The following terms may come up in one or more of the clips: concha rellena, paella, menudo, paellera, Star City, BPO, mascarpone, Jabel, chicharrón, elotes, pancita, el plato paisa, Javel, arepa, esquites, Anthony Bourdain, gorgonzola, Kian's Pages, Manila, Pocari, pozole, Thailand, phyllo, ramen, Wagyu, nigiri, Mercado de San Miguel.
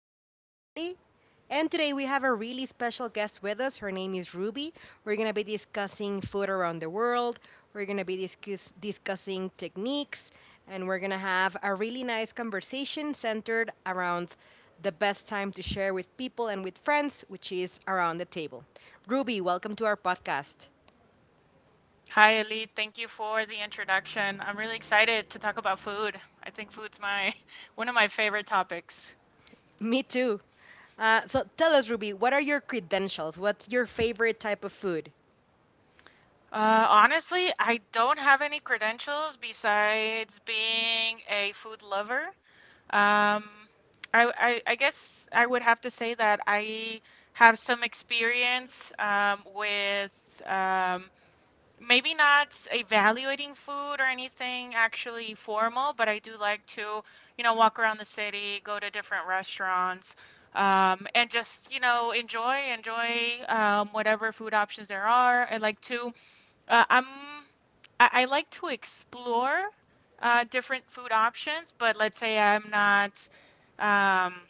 My name is Ellie, and today we have a really special guest with us. Her name is Ruby. We're going to be discussing food around the world, we're going to be discussing techniques, and we're going to have a really nice conversation centered around the best time to share with people and with friends, which is around the table. Ruby, welcome to our podcast. Hi, Elite. Thank you for the introduction. I'm really excited to talk about food. I think food's my one of my favorite topics. Me too. So tell us, Ruby, what are your credentials? What's your favorite type of food? Honestly, I don't have any credentials besides being a food lover. Um, I guess I would have to say that I have some experience with maybe not evaluating food or anything actually formal, but I do like to, you know, walk around the city, go to different restaurants, and just, you know, enjoy whatever food options there are. I like to, uh, I'm, I like to explore different food options, but let's say I'm not. Um,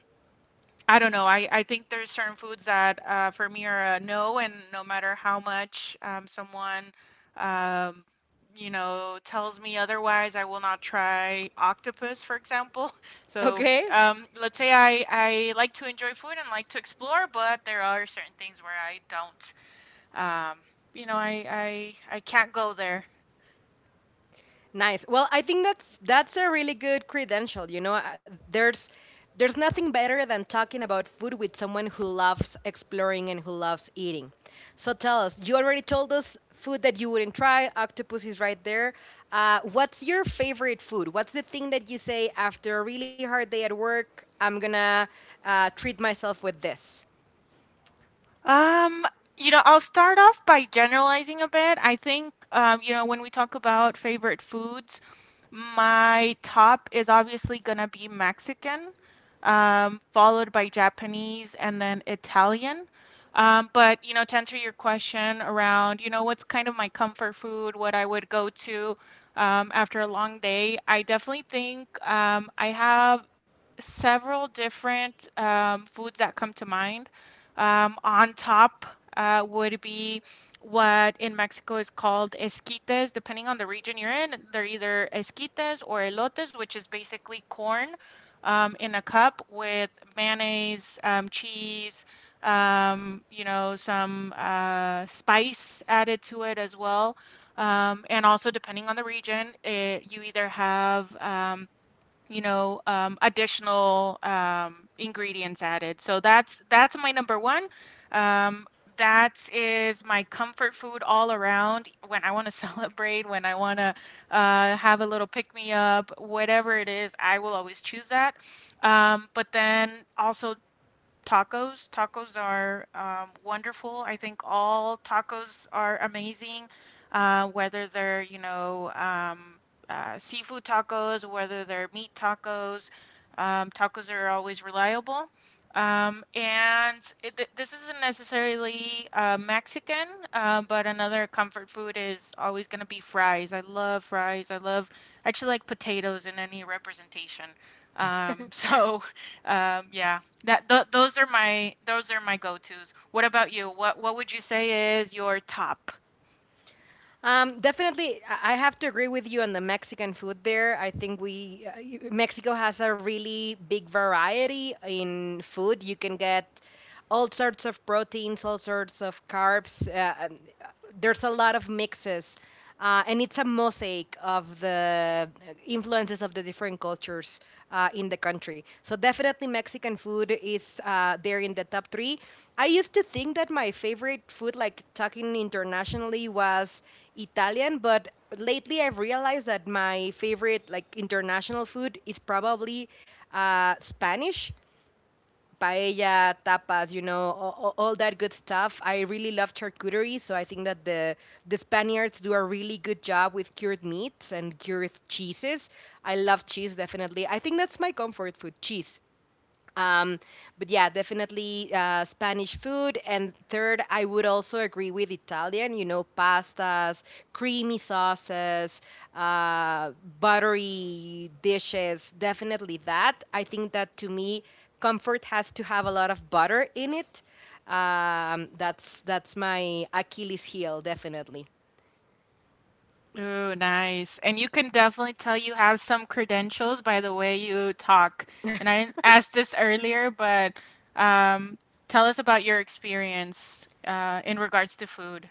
I don't know. I think there's certain foods that for me are a no, and no matter how much someone um, you know tells me otherwise, I will not try octopus, for example. So Okay. Let's say I like to enjoy food and like to explore, but there are certain things where I don't. Um, you know, I I can't go there. Nice. Well, I think that's a really good credential. You know, there's there's nothing better than talking about food with someone who loves exploring and who loves eating. So tell us, you already told us food that you wouldn't try. Octopus is right there. What's your favorite food? What's the thing that you say after a really hard day at work? I'm gonna treat myself with this. Um, you know, I'll start off by generalizing a bit. I think, you know, when we talk about favorite foods. My top is obviously gonna be Mexican, followed by Japanese and then Italian. But you know, to answer your question around, you know, what's kind of my comfort food, what I would go to after a long day, I definitely think I have several different foods that come to mind. On top would be what in Mexico is called esquites. Depending on the region you're in, they're either esquites or elotes, which is basically corn in a cup with mayonnaise, cheese, you know, some spice added to it as well. And also, depending on the region, it, you either have you know, additional ingredients added. So that's my number one. Um, that is my comfort food all around when I want to celebrate, when I want to have a little pick me up, whatever it is, I will always choose that. But then also tacos. Tacos are wonderful. I think all tacos are amazing, whether they're, you know, seafood tacos, whether they're meat tacos. Tacos are always reliable. And this isn't necessarily Mexican, but another comfort food is always going to be fries. I love fries. I actually like potatoes in any representation. So yeah. That th Those are my those are my go-tos. What about you? What would you say is your top? Definitely, I have to agree with you on the Mexican food there. I think we Mexico has a really big variety in food. You can get all sorts of proteins, all sorts of carbs. And there's a lot of mixes, and it's a mosaic of the influences of the different cultures in the country. So definitely, Mexican food is there in the top three. I used to think that my favorite food, like talking internationally, was Italian, but lately I've realized that my favorite like international food is probably Spanish paella, tapas, you know, all that good stuff. I really love charcuterie, so I think that the Spaniards do a really good job with cured meats and cured cheeses. I love cheese definitely. I think that's my comfort food, cheese. Um, but yeah, definitely Spanish food. And third, I would also agree with Italian, you know, pastas, creamy sauces, uh, buttery dishes, definitely that. I think that to me, comfort has to have a lot of butter in it. That's my Achilles heel, definitely. Ooh, nice. And you can definitely tell you have some credentials by the way you talk. And I didn't ask this earlier, but um, tell us about your experience in regards to food.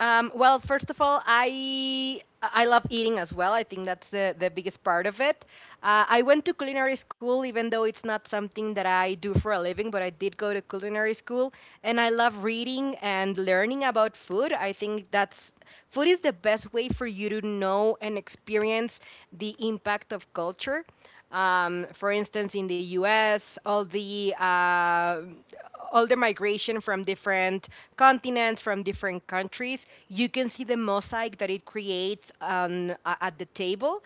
Well, first of all, I love eating as well. I think that's the biggest part of it. I went to culinary school, even though it's not something that I do for a living, but I did go to culinary school, and I love reading and learning about food. I think that's food is the best way for you to know and experience the impact of culture. For instance, in the U.S., all the migration from different continents, from different countries, you can see the mosaic that it creates at the table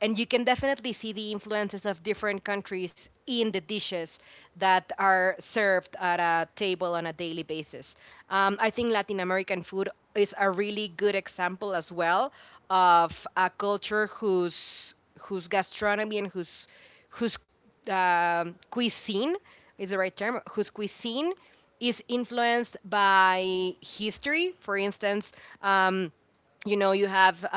and you can definitely see the influences of different countries in the dishes that are served at a table on a daily basis. I think Latin American food is a really good example as well of a culture whose gastronomy and whose whose cuisine is the right term whose cuisine is influenced by history. For instance. Um, you know you have uh,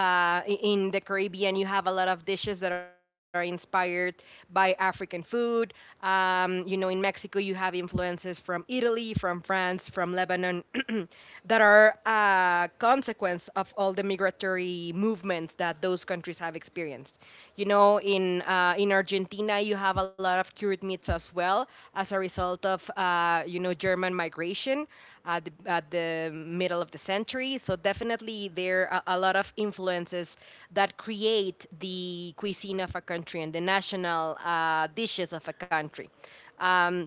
i- in the Caribbean you have a lot of dishes that are inspired by African food, you know, in Mexico you have influences from Italy, from France, from Lebanon that are a consequence of all the migratory movements that those countries have experienced. You know, in Argentina you have a lot of cured meats as well as a result of you know, German migration at the middle of the century. So definitely there are a lot of influences that create the cuisine of a country and the national dishes of a country. Um,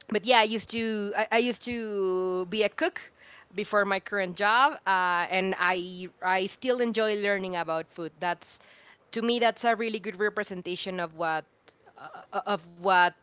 but yeah, I used to be a cook before my current job, and I still enjoy learning about food. That's To me that's a really good representation of what uh, of what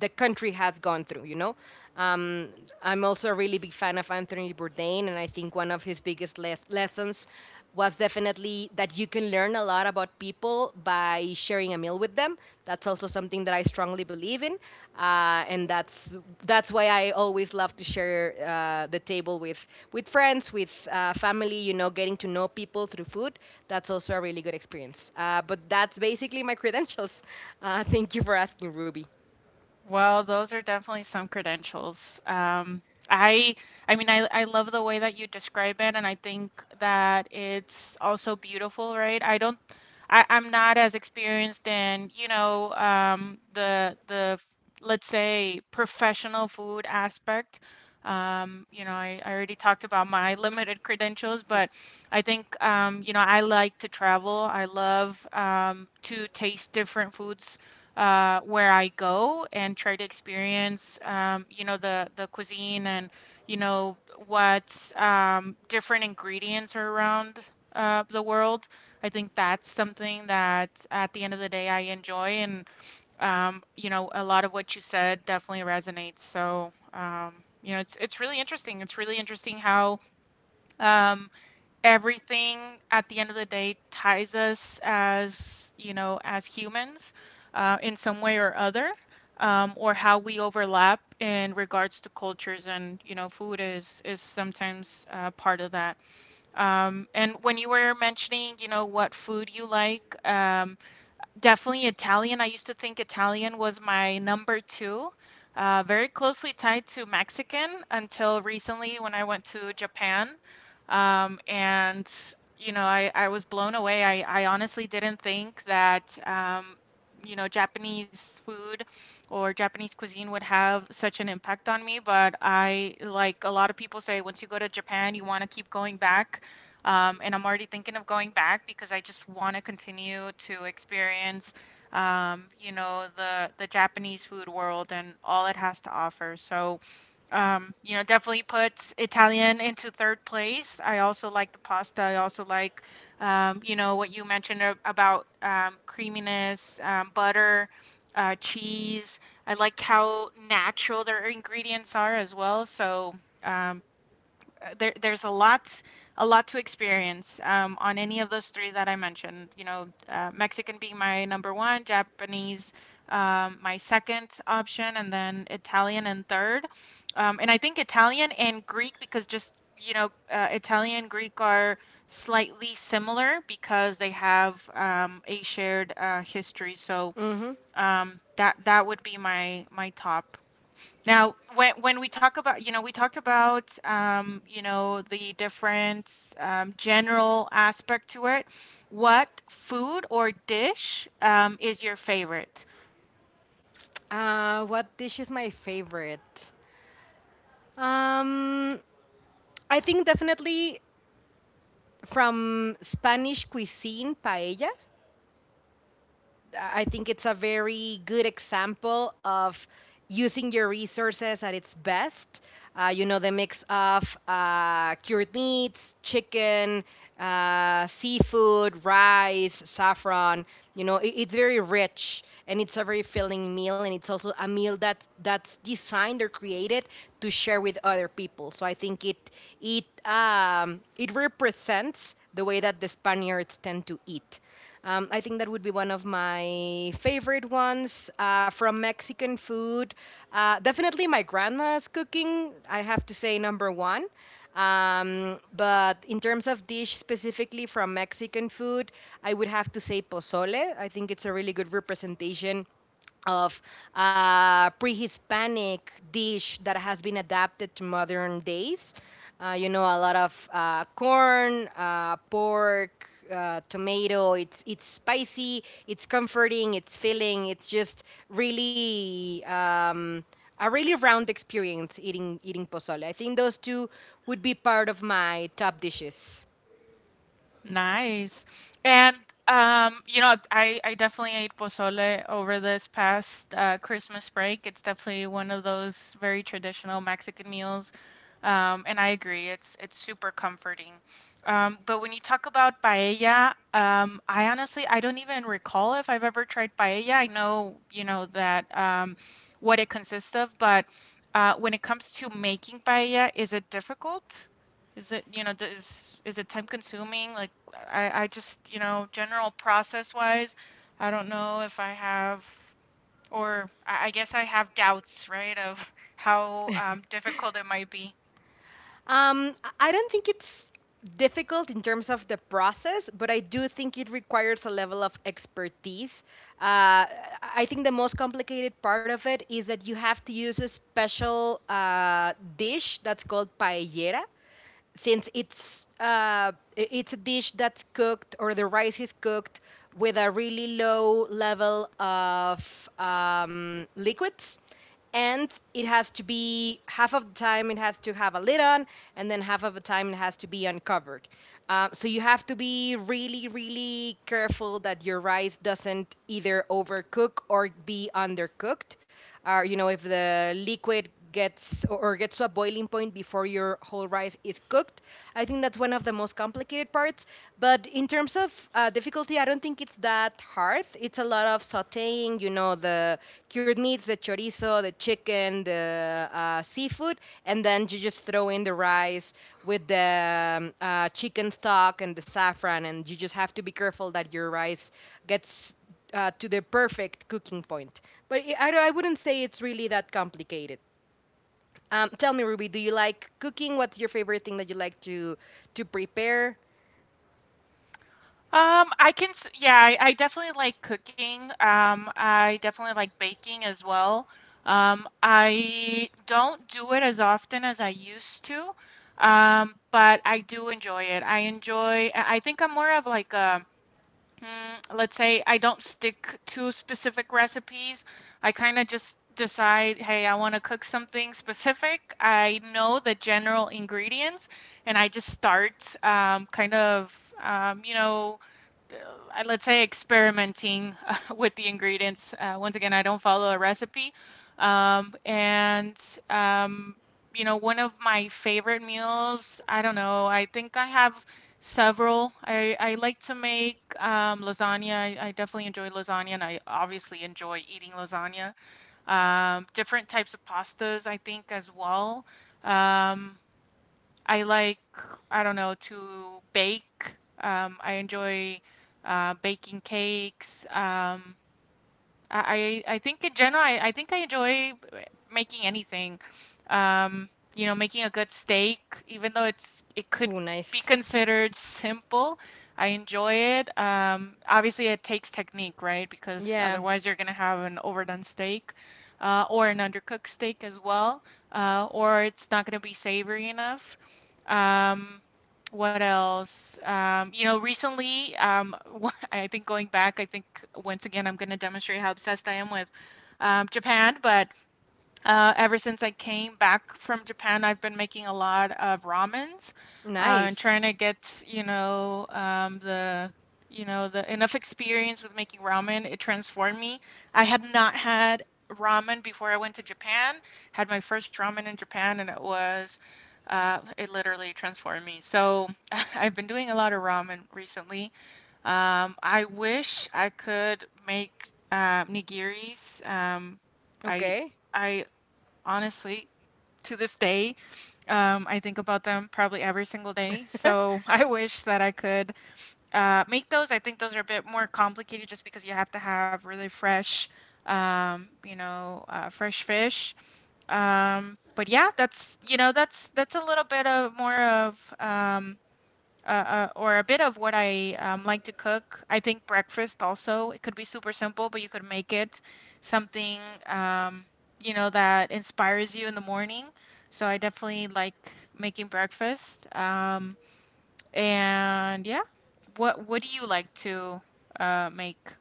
the country has gone through, you know. Um, I'm also a really big fan of Anthony Bourdain, and I think one of his biggest lessons was definitely that you can learn a lot about people by sharing a meal with them. That's also something that I strongly believe in, and that's why I always love to share the table with friends, with family. You know, getting to know people through food. That's also a really good experience. But that's basically my credentials. Thank you for asking, Ruby. Well, those are definitely some credentials. I, I mean, I love the way that you describe it, and I think that it's also beautiful, right? I don't, I, I'm not as experienced in, you know, the let's say professional food aspect. You know, I already talked about my limited credentials, but I think, you know, I like to travel. I love to taste different foods where I go and try to experience, you know, the cuisine and you know what different ingredients are around the world. I think that's something that at the end of the day I enjoy, and you know, a lot of what you said definitely resonates. So, you know, it's really interesting. It's really interesting how um, everything at the end of the day ties us as, you know, as humans in some way or other, or how we overlap in regards to cultures and, you know, food is sometimes part of that. And when you were mentioning, you know, what food you like, definitely Italian. I used to think Italian was my number two, very closely tied to Mexican until recently when I went to Japan. And, you know, I was blown away. I honestly didn't think that, you know, Japanese food or Japanese cuisine would have such an impact on me. But I, like a lot of people say, once you go to Japan, you want to keep going back. And I'm already thinking of going back because I just want to continue to experience, you know, the Japanese food world and all it has to offer. So, you know, definitely puts Italian into third place. I also like the pasta. I also like, you know, what you mentioned about creaminess, butter, cheese. I like how natural their ingredients are as well. So. Um, there's a lot to experience on any of those three that I mentioned. You know, Mexican being my number one, Japanese my second option, and then Italian and third. And I think Italian and Greek because just you know Italian and Greek are slightly similar because they have a shared history. So Mm-hmm. That would be my my top. Now, when we talk about, you know, we talked about, you know, the different general aspect to it. What food or dish is your favorite? What dish is my favorite? Um, I think definitely from Spanish cuisine, paella. I think it's a very good example of using your resources at its best. You know, the mix of cured meats, chicken, seafood, rice, saffron. You know, it's very rich and it's a very filling meal, and it's also a meal that's designed or created to share with other people. So I think it it represents the way that the Spaniards tend to eat. I think that would be one of my favorite ones from Mexican food. Definitely my grandma's cooking, I have to say, number one. But in terms of dish specifically from Mexican food, I would have to say pozole. I think it's a really good representation of pre-Hispanic dish that has been adapted to modern days. You know, a lot of corn, pork, tomato. It's spicy, it's comforting, it's filling. It's just really a really round experience eating pozole. I think those two would be part of my top dishes. Nice. And you know, I definitely ate pozole over this past Christmas break. It's definitely one of those very traditional Mexican meals. And I agree, it's super comforting. But when you talk about paella, I honestly I don't even recall if I've ever tried paella. I know, you know, that what it consists of, but when it comes to making paella, is it difficult? Is it, you know, is it time consuming? Like I just, you know, general process wise, I don't know if I have, or I guess I have doubts, right, of how difficult it might be. Um, I don't think it's difficult in terms of the process, but I do think it requires a level of expertise. Uh, I think the most complicated part of it is that you have to use a special dish that's called paellera, since it's a dish that's cooked, or the rice is cooked with a really low level of liquids, and it has to be, half of the time it has to have a lid on, and then half of the time it has to be uncovered, so you have to be really really careful that your rice doesn't either overcook or be undercooked, or you know if the liquid gets or gets to a boiling point before your whole rice is cooked. I think that's one of the most complicated parts. But in terms of difficulty, I don't think it's that hard. It's a lot of sautéing, you know, the cured meats, the chorizo, the chicken, the seafood, and then you just throw in the rice with the chicken stock and the saffron, and you just have to be careful that your rice gets to the perfect cooking point. But I wouldn't say it's really that complicated. Tell me, Ruby, do you like cooking? What's your favorite thing that you like to prepare? I can, yeah, I definitely like cooking. I definitely like baking as well. I don't do it as often as I used to, but I do enjoy it. I think I'm more of like a mm, let's say I don't stick to specific recipes. I kind of just decide, hey, I want to cook something specific. I know the general ingredients, and I just start kind of, you know, let's say experimenting with the ingredients. Once again, I don't follow a recipe. And um, you know, one of my favorite meals, I don't know, I think I have several. I like to make lasagna. I definitely enjoy lasagna, and I obviously enjoy eating lasagna. Different types of pastas, I think, as well. Um, I like, I don't know, to bake. I enjoy baking cakes. I think in general, I think I enjoy making anything. Um, you know, making a good steak, even though it could Oh, be nice. considered simple, I enjoy it. Obviously, it takes technique, right? Because Yeah, otherwise, you're gonna have an overdone steak, or an undercooked steak as well, or it's not gonna be savory enough. Um, what else? You know, recently, I think going back, I think once again, I'm going to demonstrate how obsessed I am with Japan. But ever since I came back from Japan, I've been making a lot of ramens and trying nice. to get, you know, the you know the enough experience with making ramen. It transformed me. I had not had ramen before I went to Japan. Had my first ramen in Japan, and it was. It literally transformed me. So I've been doing a lot of ramen recently. I wish I could make nigiris. I Okay. I Honestly, to this day, I think about them probably every single day. So I wish that I could make those. I think those are a bit more complicated just because you have to have really fresh, you know, fresh fish. But yeah, that's you know that's a little bit of more of or a bit of what I like to cook. I think breakfast also, it could be super simple, but you could make it something, um, you know, that inspires you in the morning. So I definitely like making breakfast. And yeah, what do you like to make?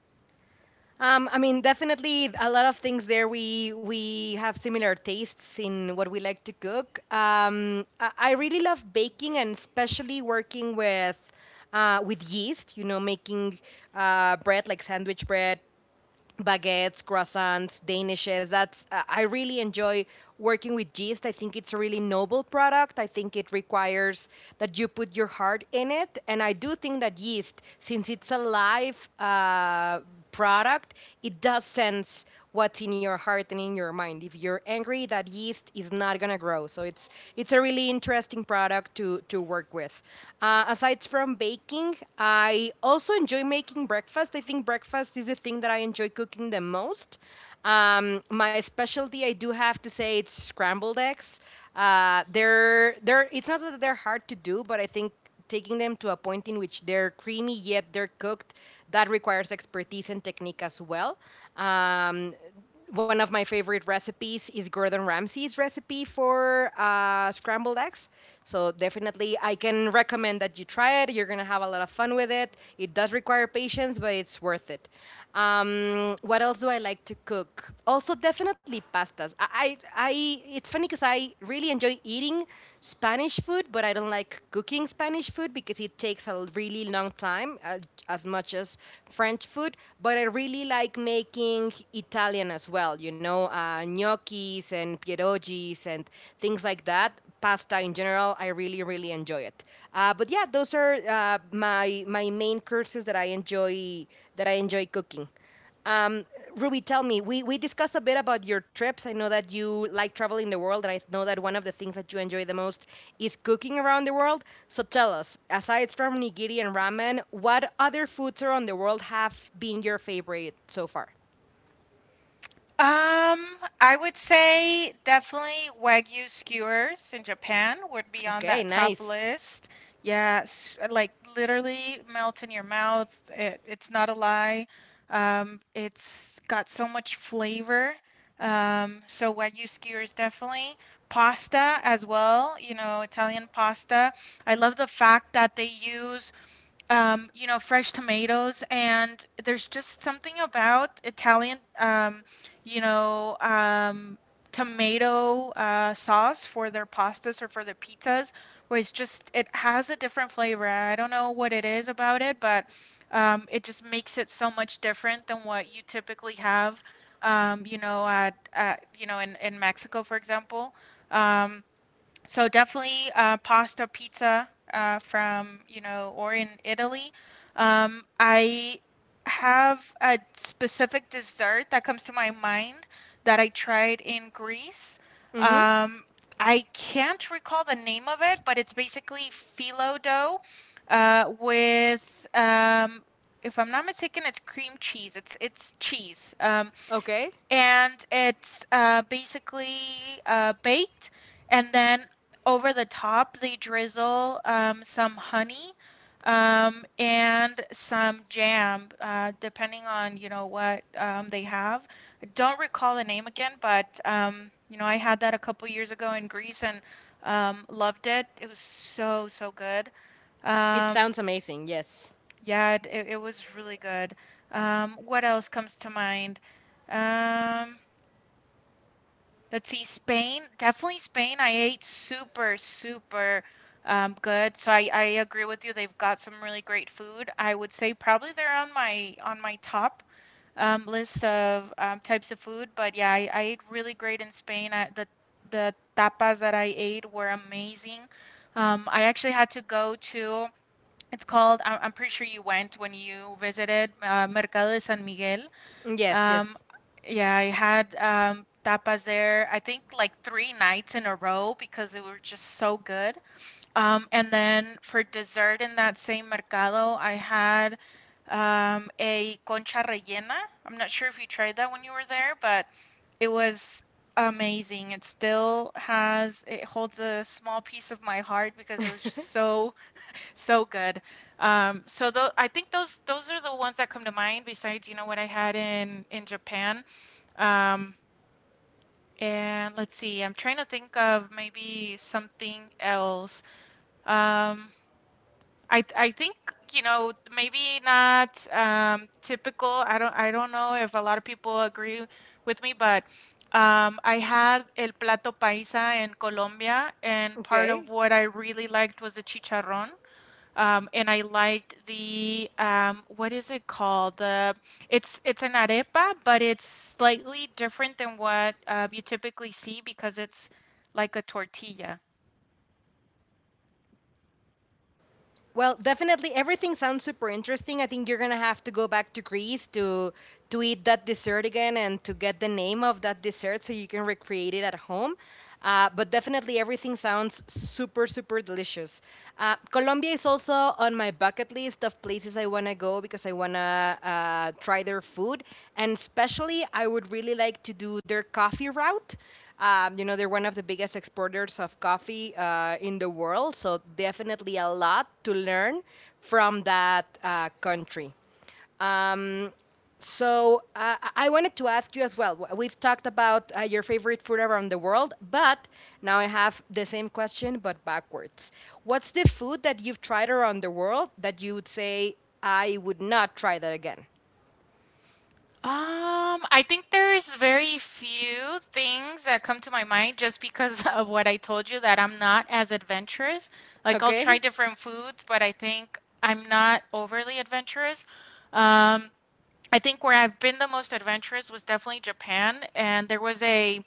I mean, definitely a lot of things there. We have similar tastes in what we like to cook. I really love baking, and especially working with yeast. You know, making bread like sandwich bread, baguettes, croissants, danishes. That's I really enjoy working with yeast. I think it's a really noble product. I think it requires that you put your heart in it, and I do think that yeast, since it's a live product, it does sense what's in your heart and in your mind. If you're angry, that yeast is not gonna grow. So it's a really interesting product to work with. Aside from baking, I also enjoy making breakfast. I think breakfast is the thing that I enjoy cooking the most. My specialty, I do have to say, it's scrambled eggs. They're it's not that they're hard to do, but I think taking them to a point in which they're creamy yet they're cooked, that requires expertise and technique as well. Um, one of my favorite recipes is Gordon Ramsay's recipe for scrambled eggs. So definitely, I can recommend that you try it. You're gonna have a lot of fun with it. It does require patience, but it's worth it. What else do I like to cook? Also, definitely pastas. I It's funny because I really enjoy eating Spanish food, but I don't like cooking Spanish food because it takes a really long time, as much as French food. But I really like making Italian as well. You know, gnocchis and pierogies and things like that. Pasta in general, I really really enjoy it. But yeah, those are my my main courses that I enjoy cooking. Um, Ruby, tell me, we discussed a bit about your trips. I know that you like traveling the world, and I know that one of the things that you enjoy the most is cooking around the world. So tell us, aside from nigiri and ramen, what other foods around the world have been your favorite so far? Um, I would say definitely Wagyu skewers in Japan would be on Okay, that top nice. list. Yes, like literally melt in your mouth. It's not a lie. It's got so much flavor. So Wagyu skewers definitely. Pasta as well, you know, Italian pasta. I love the fact that they use you know, fresh tomatoes, and there's just something about Italian, you know, um, tomato sauce for their pastas or for their pizzas, where it has a different flavor. I don't know what it is about it, but it just makes it so much different than what you typically have, you know, at you know, in Mexico, for example. Um, so definitely pasta, pizza from, you know, or in Italy. I have a specific dessert that comes to my mind that I tried in Greece. Mm-hmm. Um, I can't recall the name of it, but it's basically phyllo dough with, if I'm not mistaken, it's cream cheese. It's cheese. Okay. And it's basically baked. And then over the top, they drizzle some honey and some jam, depending on you know what they have. I don't recall the name again, but you know I had that a couple years ago in Greece and loved it. It was so so good. It Um, sounds amazing, yes. yeah, it was really good. What else comes to mind? Um, Let's see, Spain, definitely Spain. I ate super, super good. So I agree with you. They've got some really great food. I would say probably they're on my top list of types of food. But yeah, I ate really great in Spain. I, the tapas that I ate were amazing. I actually had to go to. It's called. I'm pretty sure you went when you visited Mercado de San Miguel. Yes, Um, yes. yeah, I had tapas there, I think like three nights in a row because they were just so good. And then for dessert in that same mercado, I had a concha rellena. I'm not sure if you tried that when you were there, but it was amazing. It still has, it holds a small piece of my heart because it was just so so good. I think those are the ones that come to mind besides, you know, what I had in Japan. Um, and let's see, I'm trying to think of maybe something else. Um, I think, you know, maybe not typical. I don't know if a lot of people agree with me, but I had el plato paisa in Colombia, and part of Okay. what I really liked was the chicharrón. And I liked the what is it called? The it's an arepa, but it's slightly different than what you typically see because it's like a tortilla. Well, definitely everything sounds super interesting. I think you're gonna have to go back to Greece to eat that dessert again and to get the name of that dessert so you can recreate it at home. But definitely everything sounds super, super delicious. Colombia is also on my bucket list of places I wanna go because I wanna try their food. And especially, I would really like to do their coffee route. You know, they're one of the biggest exporters of coffee in the world, so definitely a lot to learn from that country. Um, so I wanted to ask you as well. We've talked about your favorite food around the world, but now I have the same question but backwards. What's the food that you've tried around the world that you would say I would not try that again? I think there's very few things that come to my mind just because of what I told you that I'm not as adventurous. Like I'll try Okay, different foods, but I think I'm not overly adventurous. Um, I think where I've been the most adventurous was definitely Japan, and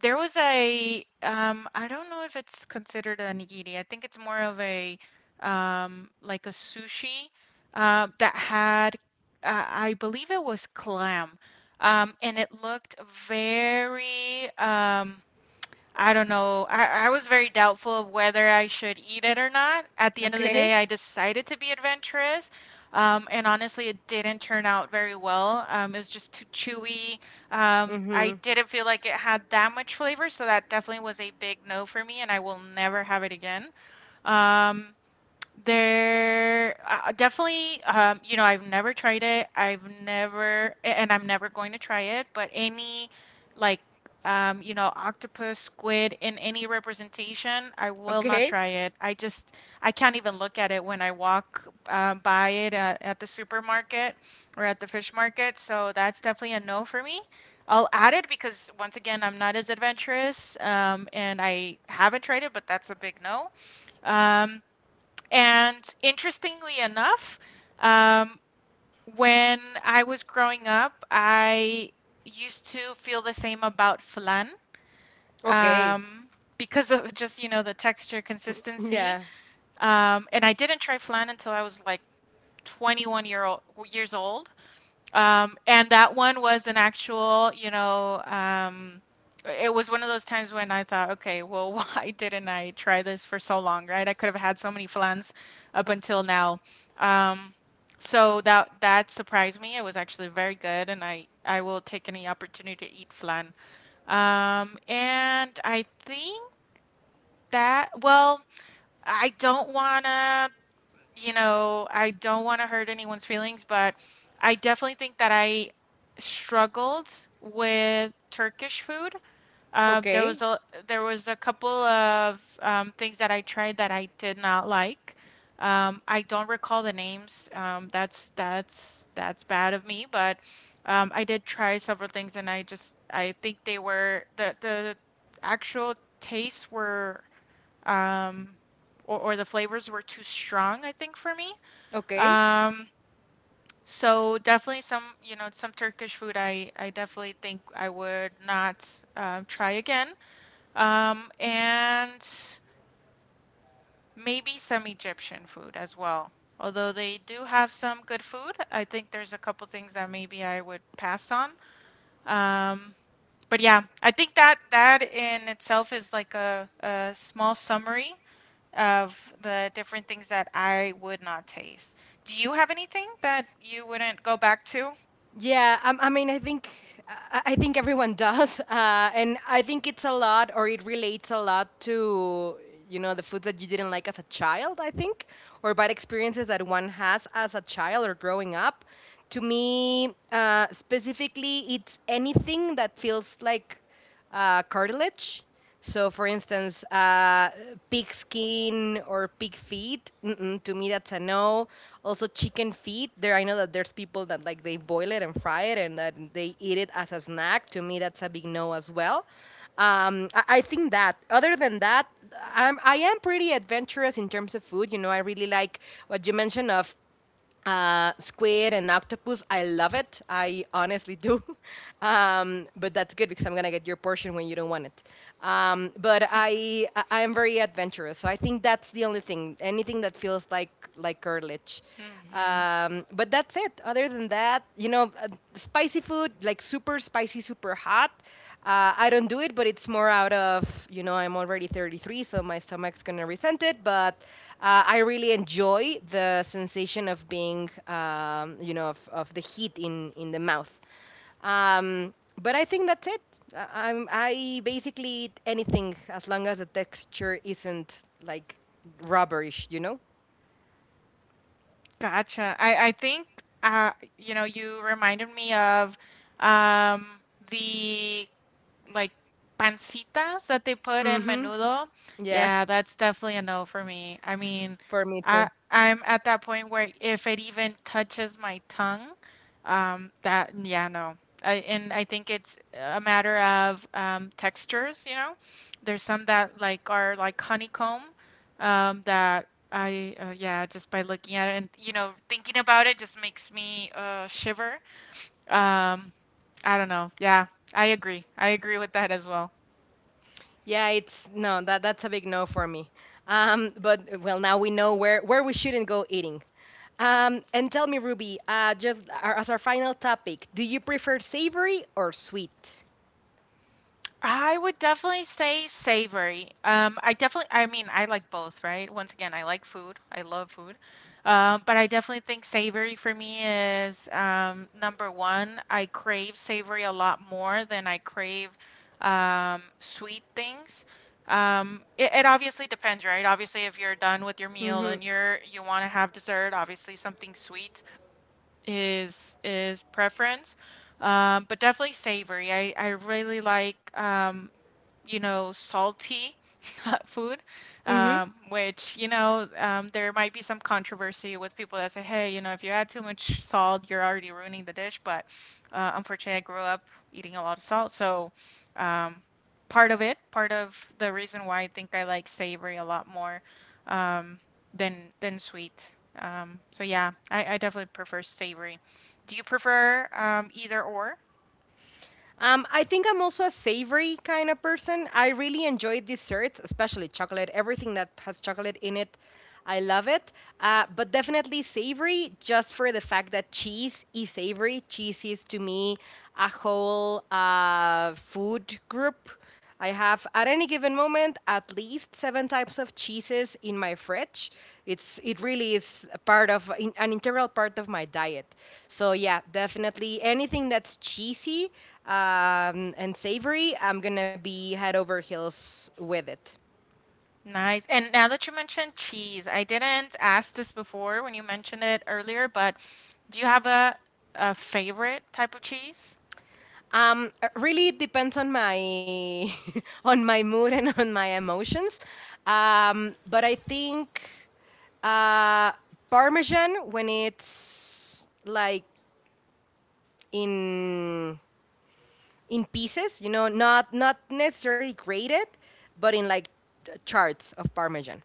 there was a I don't know if it's considered a nigiri. I think it's more of a like a sushi that had I believe it was clam. And it looked very I don't know. I was very doubtful of whether I should eat it or not. At the end of the okay, day, I decided to be adventurous. And honestly, it didn't turn out very well. It was just too chewy. I mm-hmm, didn't feel like it had that much flavor, so that definitely was a big no for me, and I will never have it again. Um, Definitely, you know, I've never tried it. I've never, a- and I'm never going to try it, but any like, you know, octopus, squid in any representation, I will not okay, try it. I just, I can't even look at it when I walk by it at the supermarket or at the fish market. So that's definitely a no for me. I'll add it because once again, I'm not as adventurous, and I haven't tried it, but that's a big no. Um, and interestingly enough, um, when I was growing up, I used to feel the same about flan, okay, um, because of just, you know, the texture consistency. yeah. And I didn't try flan until I was like 21 years old. And that one was an actual, you know, it was one of those times when I thought, okay, well, why didn't I try this for so long, right? I could have had so many flans up until now. Um, so that that surprised me. It was actually very good, and I will take any opportunity to eat flan. And I think that, well, I don't wanna, I don't wanna hurt anyone's feelings, but I definitely think that I struggled with Turkish food. Uh, there Okay. was a there was a couple of things that I tried that I did not like. I don't recall the names. That's bad of me, but I did try several things, and I think they were the actual tastes were um, or the flavors were too strong, I think, for me. Okay. Um, so definitely some, you know, some Turkish food I definitely think I would not try again. And maybe some Egyptian food as well. Although they do have some good food, I think there's a couple things that maybe I would pass on. Um, but yeah, I think that that in itself is like a small summary of the different things that I would not taste. Do you have anything that you wouldn't go back to? Yeah. I mean, I think I think everyone does, and I think it's a lot, or it relates a lot to you know the food that you didn't like as a child. I think, or bad experiences that one has as a child or growing up. To me, specifically, it's anything that feels like cartilage. So, for instance, pig skin or pig feet, mm-mm, to me that's a no. Also, chicken feet. There, I know that there's people that like they boil it and fry it, and that they eat it as a snack. To me, that's a big no as well. I think that. Other than that, I am pretty adventurous in terms of food. You know, I really like what you mentioned of squid and octopus. I love it. I honestly do. But that's good because I'm gonna get your portion when you don't want it. But I am very adventurous, so I think that's the only thing. Anything that feels like curtilage. Hmm. But that's it. Other than that, you know, spicy food, like super spicy, super hot. I don't do it, but it's more out of, you know, I'm already 33, so my stomach's going to resent it. But I really enjoy the sensation of being, you know, of the heat in the mouth. Um, but I think that's it. I basically eat anything as long as the texture isn't like rubberish, you know? Gotcha. I think uh, you know, you reminded me of um the like pancitas that they put Mm in hmm. menudo, Yeah, yeah, that's definitely a no for me. I mean, for me I too. I'm at that point where if it even touches my tongue, that yeah, no. I, and I think it's a matter of textures, you know. There's some that like are like honeycomb that I yeah, just by looking at it and you know thinking about it just makes me shiver. Um, I don't know. Yeah, I agree. I agree with that as well. Yeah, it's no, that that's a big no for me. But well, now we know where we shouldn't go eating. And tell me, Ruby, as our final topic, do you prefer savory or sweet? I would definitely say savory. I definitely, I mean, I like both, right? Once again, I like food. I love food. But I definitely think savory for me is number one. I crave savory a lot more than I crave sweet things. It obviously depends, right? Obviously, if you're done with your meal Mm-hmm. and you want to have dessert, obviously something sweet is preference. But definitely savory. I really like you know, salty food, Mm-hmm. There might be some controversy with people that say, hey, you know, if you add too much salt, you're already ruining the dish. But unfortunately, I grew up eating a lot of salt. So um, part of it, part of the reason why I think I like savory a lot more um, than than sweet. So yeah, I definitely prefer savory. Do you prefer either or? I think I'm also a savory kind of person. I really enjoy desserts, especially chocolate. Everything that has chocolate in it, I love it. But definitely savory, just for the fact that cheese is savory. Cheese is to me a whole food group. I have at any given moment at least 7 types of cheeses in my fridge. It's it really is a part of an integral part of my diet. So yeah, definitely anything that's cheesy and savory, I'm gonna be head over heels with it. Nice. And now that you mentioned cheese, I didn't ask this before when you mentioned it earlier, but do you have a favorite type of cheese? Really it depends on my on my mood and on my emotions. But I think uh, Parmesan when it's like in in pieces, you know, not not necessarily grated, but in like charts of Parmesan.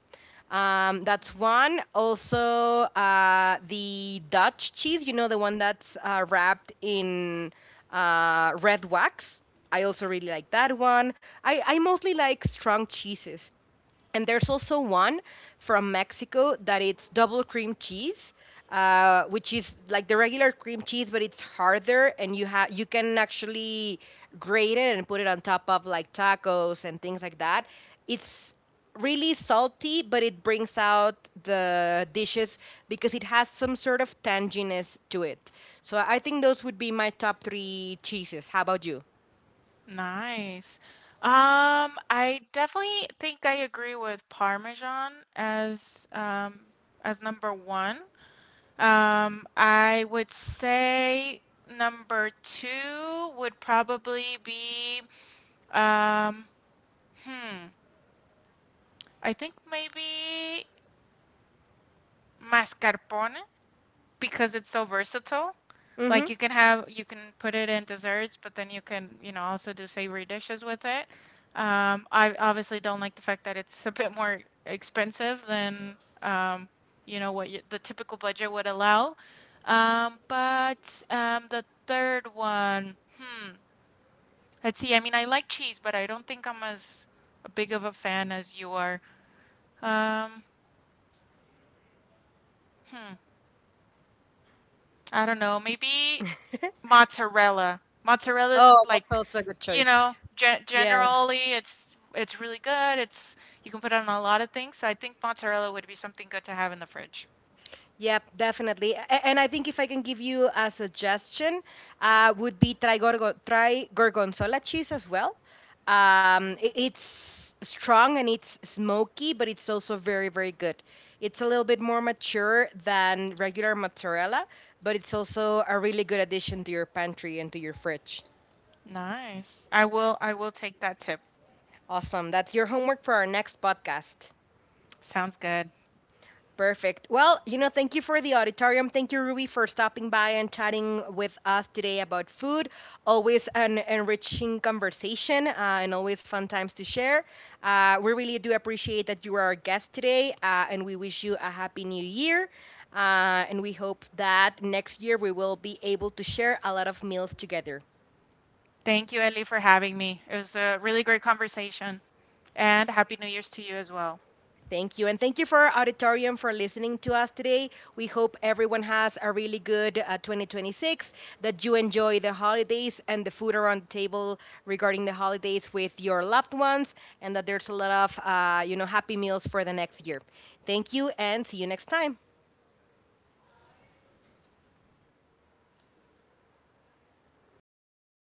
That's Mhm. one. Also, the Dutch cheese, you know, the one that's wrapped in red wax. I also really like that one. I mostly like strong cheeses. And there's also one from Mexico that it's double cream cheese, which is like the regular cream cheese, but it's harder, and you can actually grate it and put it on top of like tacos and things like that. It's really salty, but it brings out the dishes because it has some sort of tanginess to it. So I think those would be my top 3 cheeses. How about you? Nice. I definitely think I agree with Parmesan as number one. I would say number two would probably be um hmm. I think maybe mascarpone, because it's so versatile. Hmm. Like you can have you can put it in desserts, but then you can, you know, also do savory dishes with it. I obviously don't like the fact that it's a bit more expensive than um, you know, what you, the typical budget would allow. But The third one, hmm, let's see. I mean, I like cheese, but I don't think I'm as big of a fan as you are. Um, hmm. I don't know, maybe mozzarella. Mozzarella is Oh, that's like, also a good you choice. know, ge Yeah. generally it's really good. It's you can put it on a lot of things, so I think mozzarella would be something good to have in the fridge. Yep, definitely. And I think if I can give you a suggestion, would be try, try gorgonzola cheese as well. It's strong and it's smoky, but it's also very, very good. It's a little bit more mature than regular mozzarella, but it's also a really good addition to your pantry and to your fridge. Nice. I will take that tip. Awesome. That's your homework for our next podcast. Sounds good. Perfect. Well, you know, thank you for the auditorium. Thank you, Ruby, for stopping by and chatting with us today about food. Always an enriching conversation and always fun times to share. We really do appreciate that you are our guest today, and we wish you a happy new year. And we hope that next year we will be able to share a lot of meals together. Thank you, Ellie, for having me. It was a really great conversation, and Happy New Year's to you as well. Thank you. And thank you for our auditorium for listening to us today. We hope everyone has a really good 2026, that you enjoy the holidays and the food around the table regarding the holidays with your loved ones, and that there's a lot of, happy meals for the next year. Thank you and see you next time.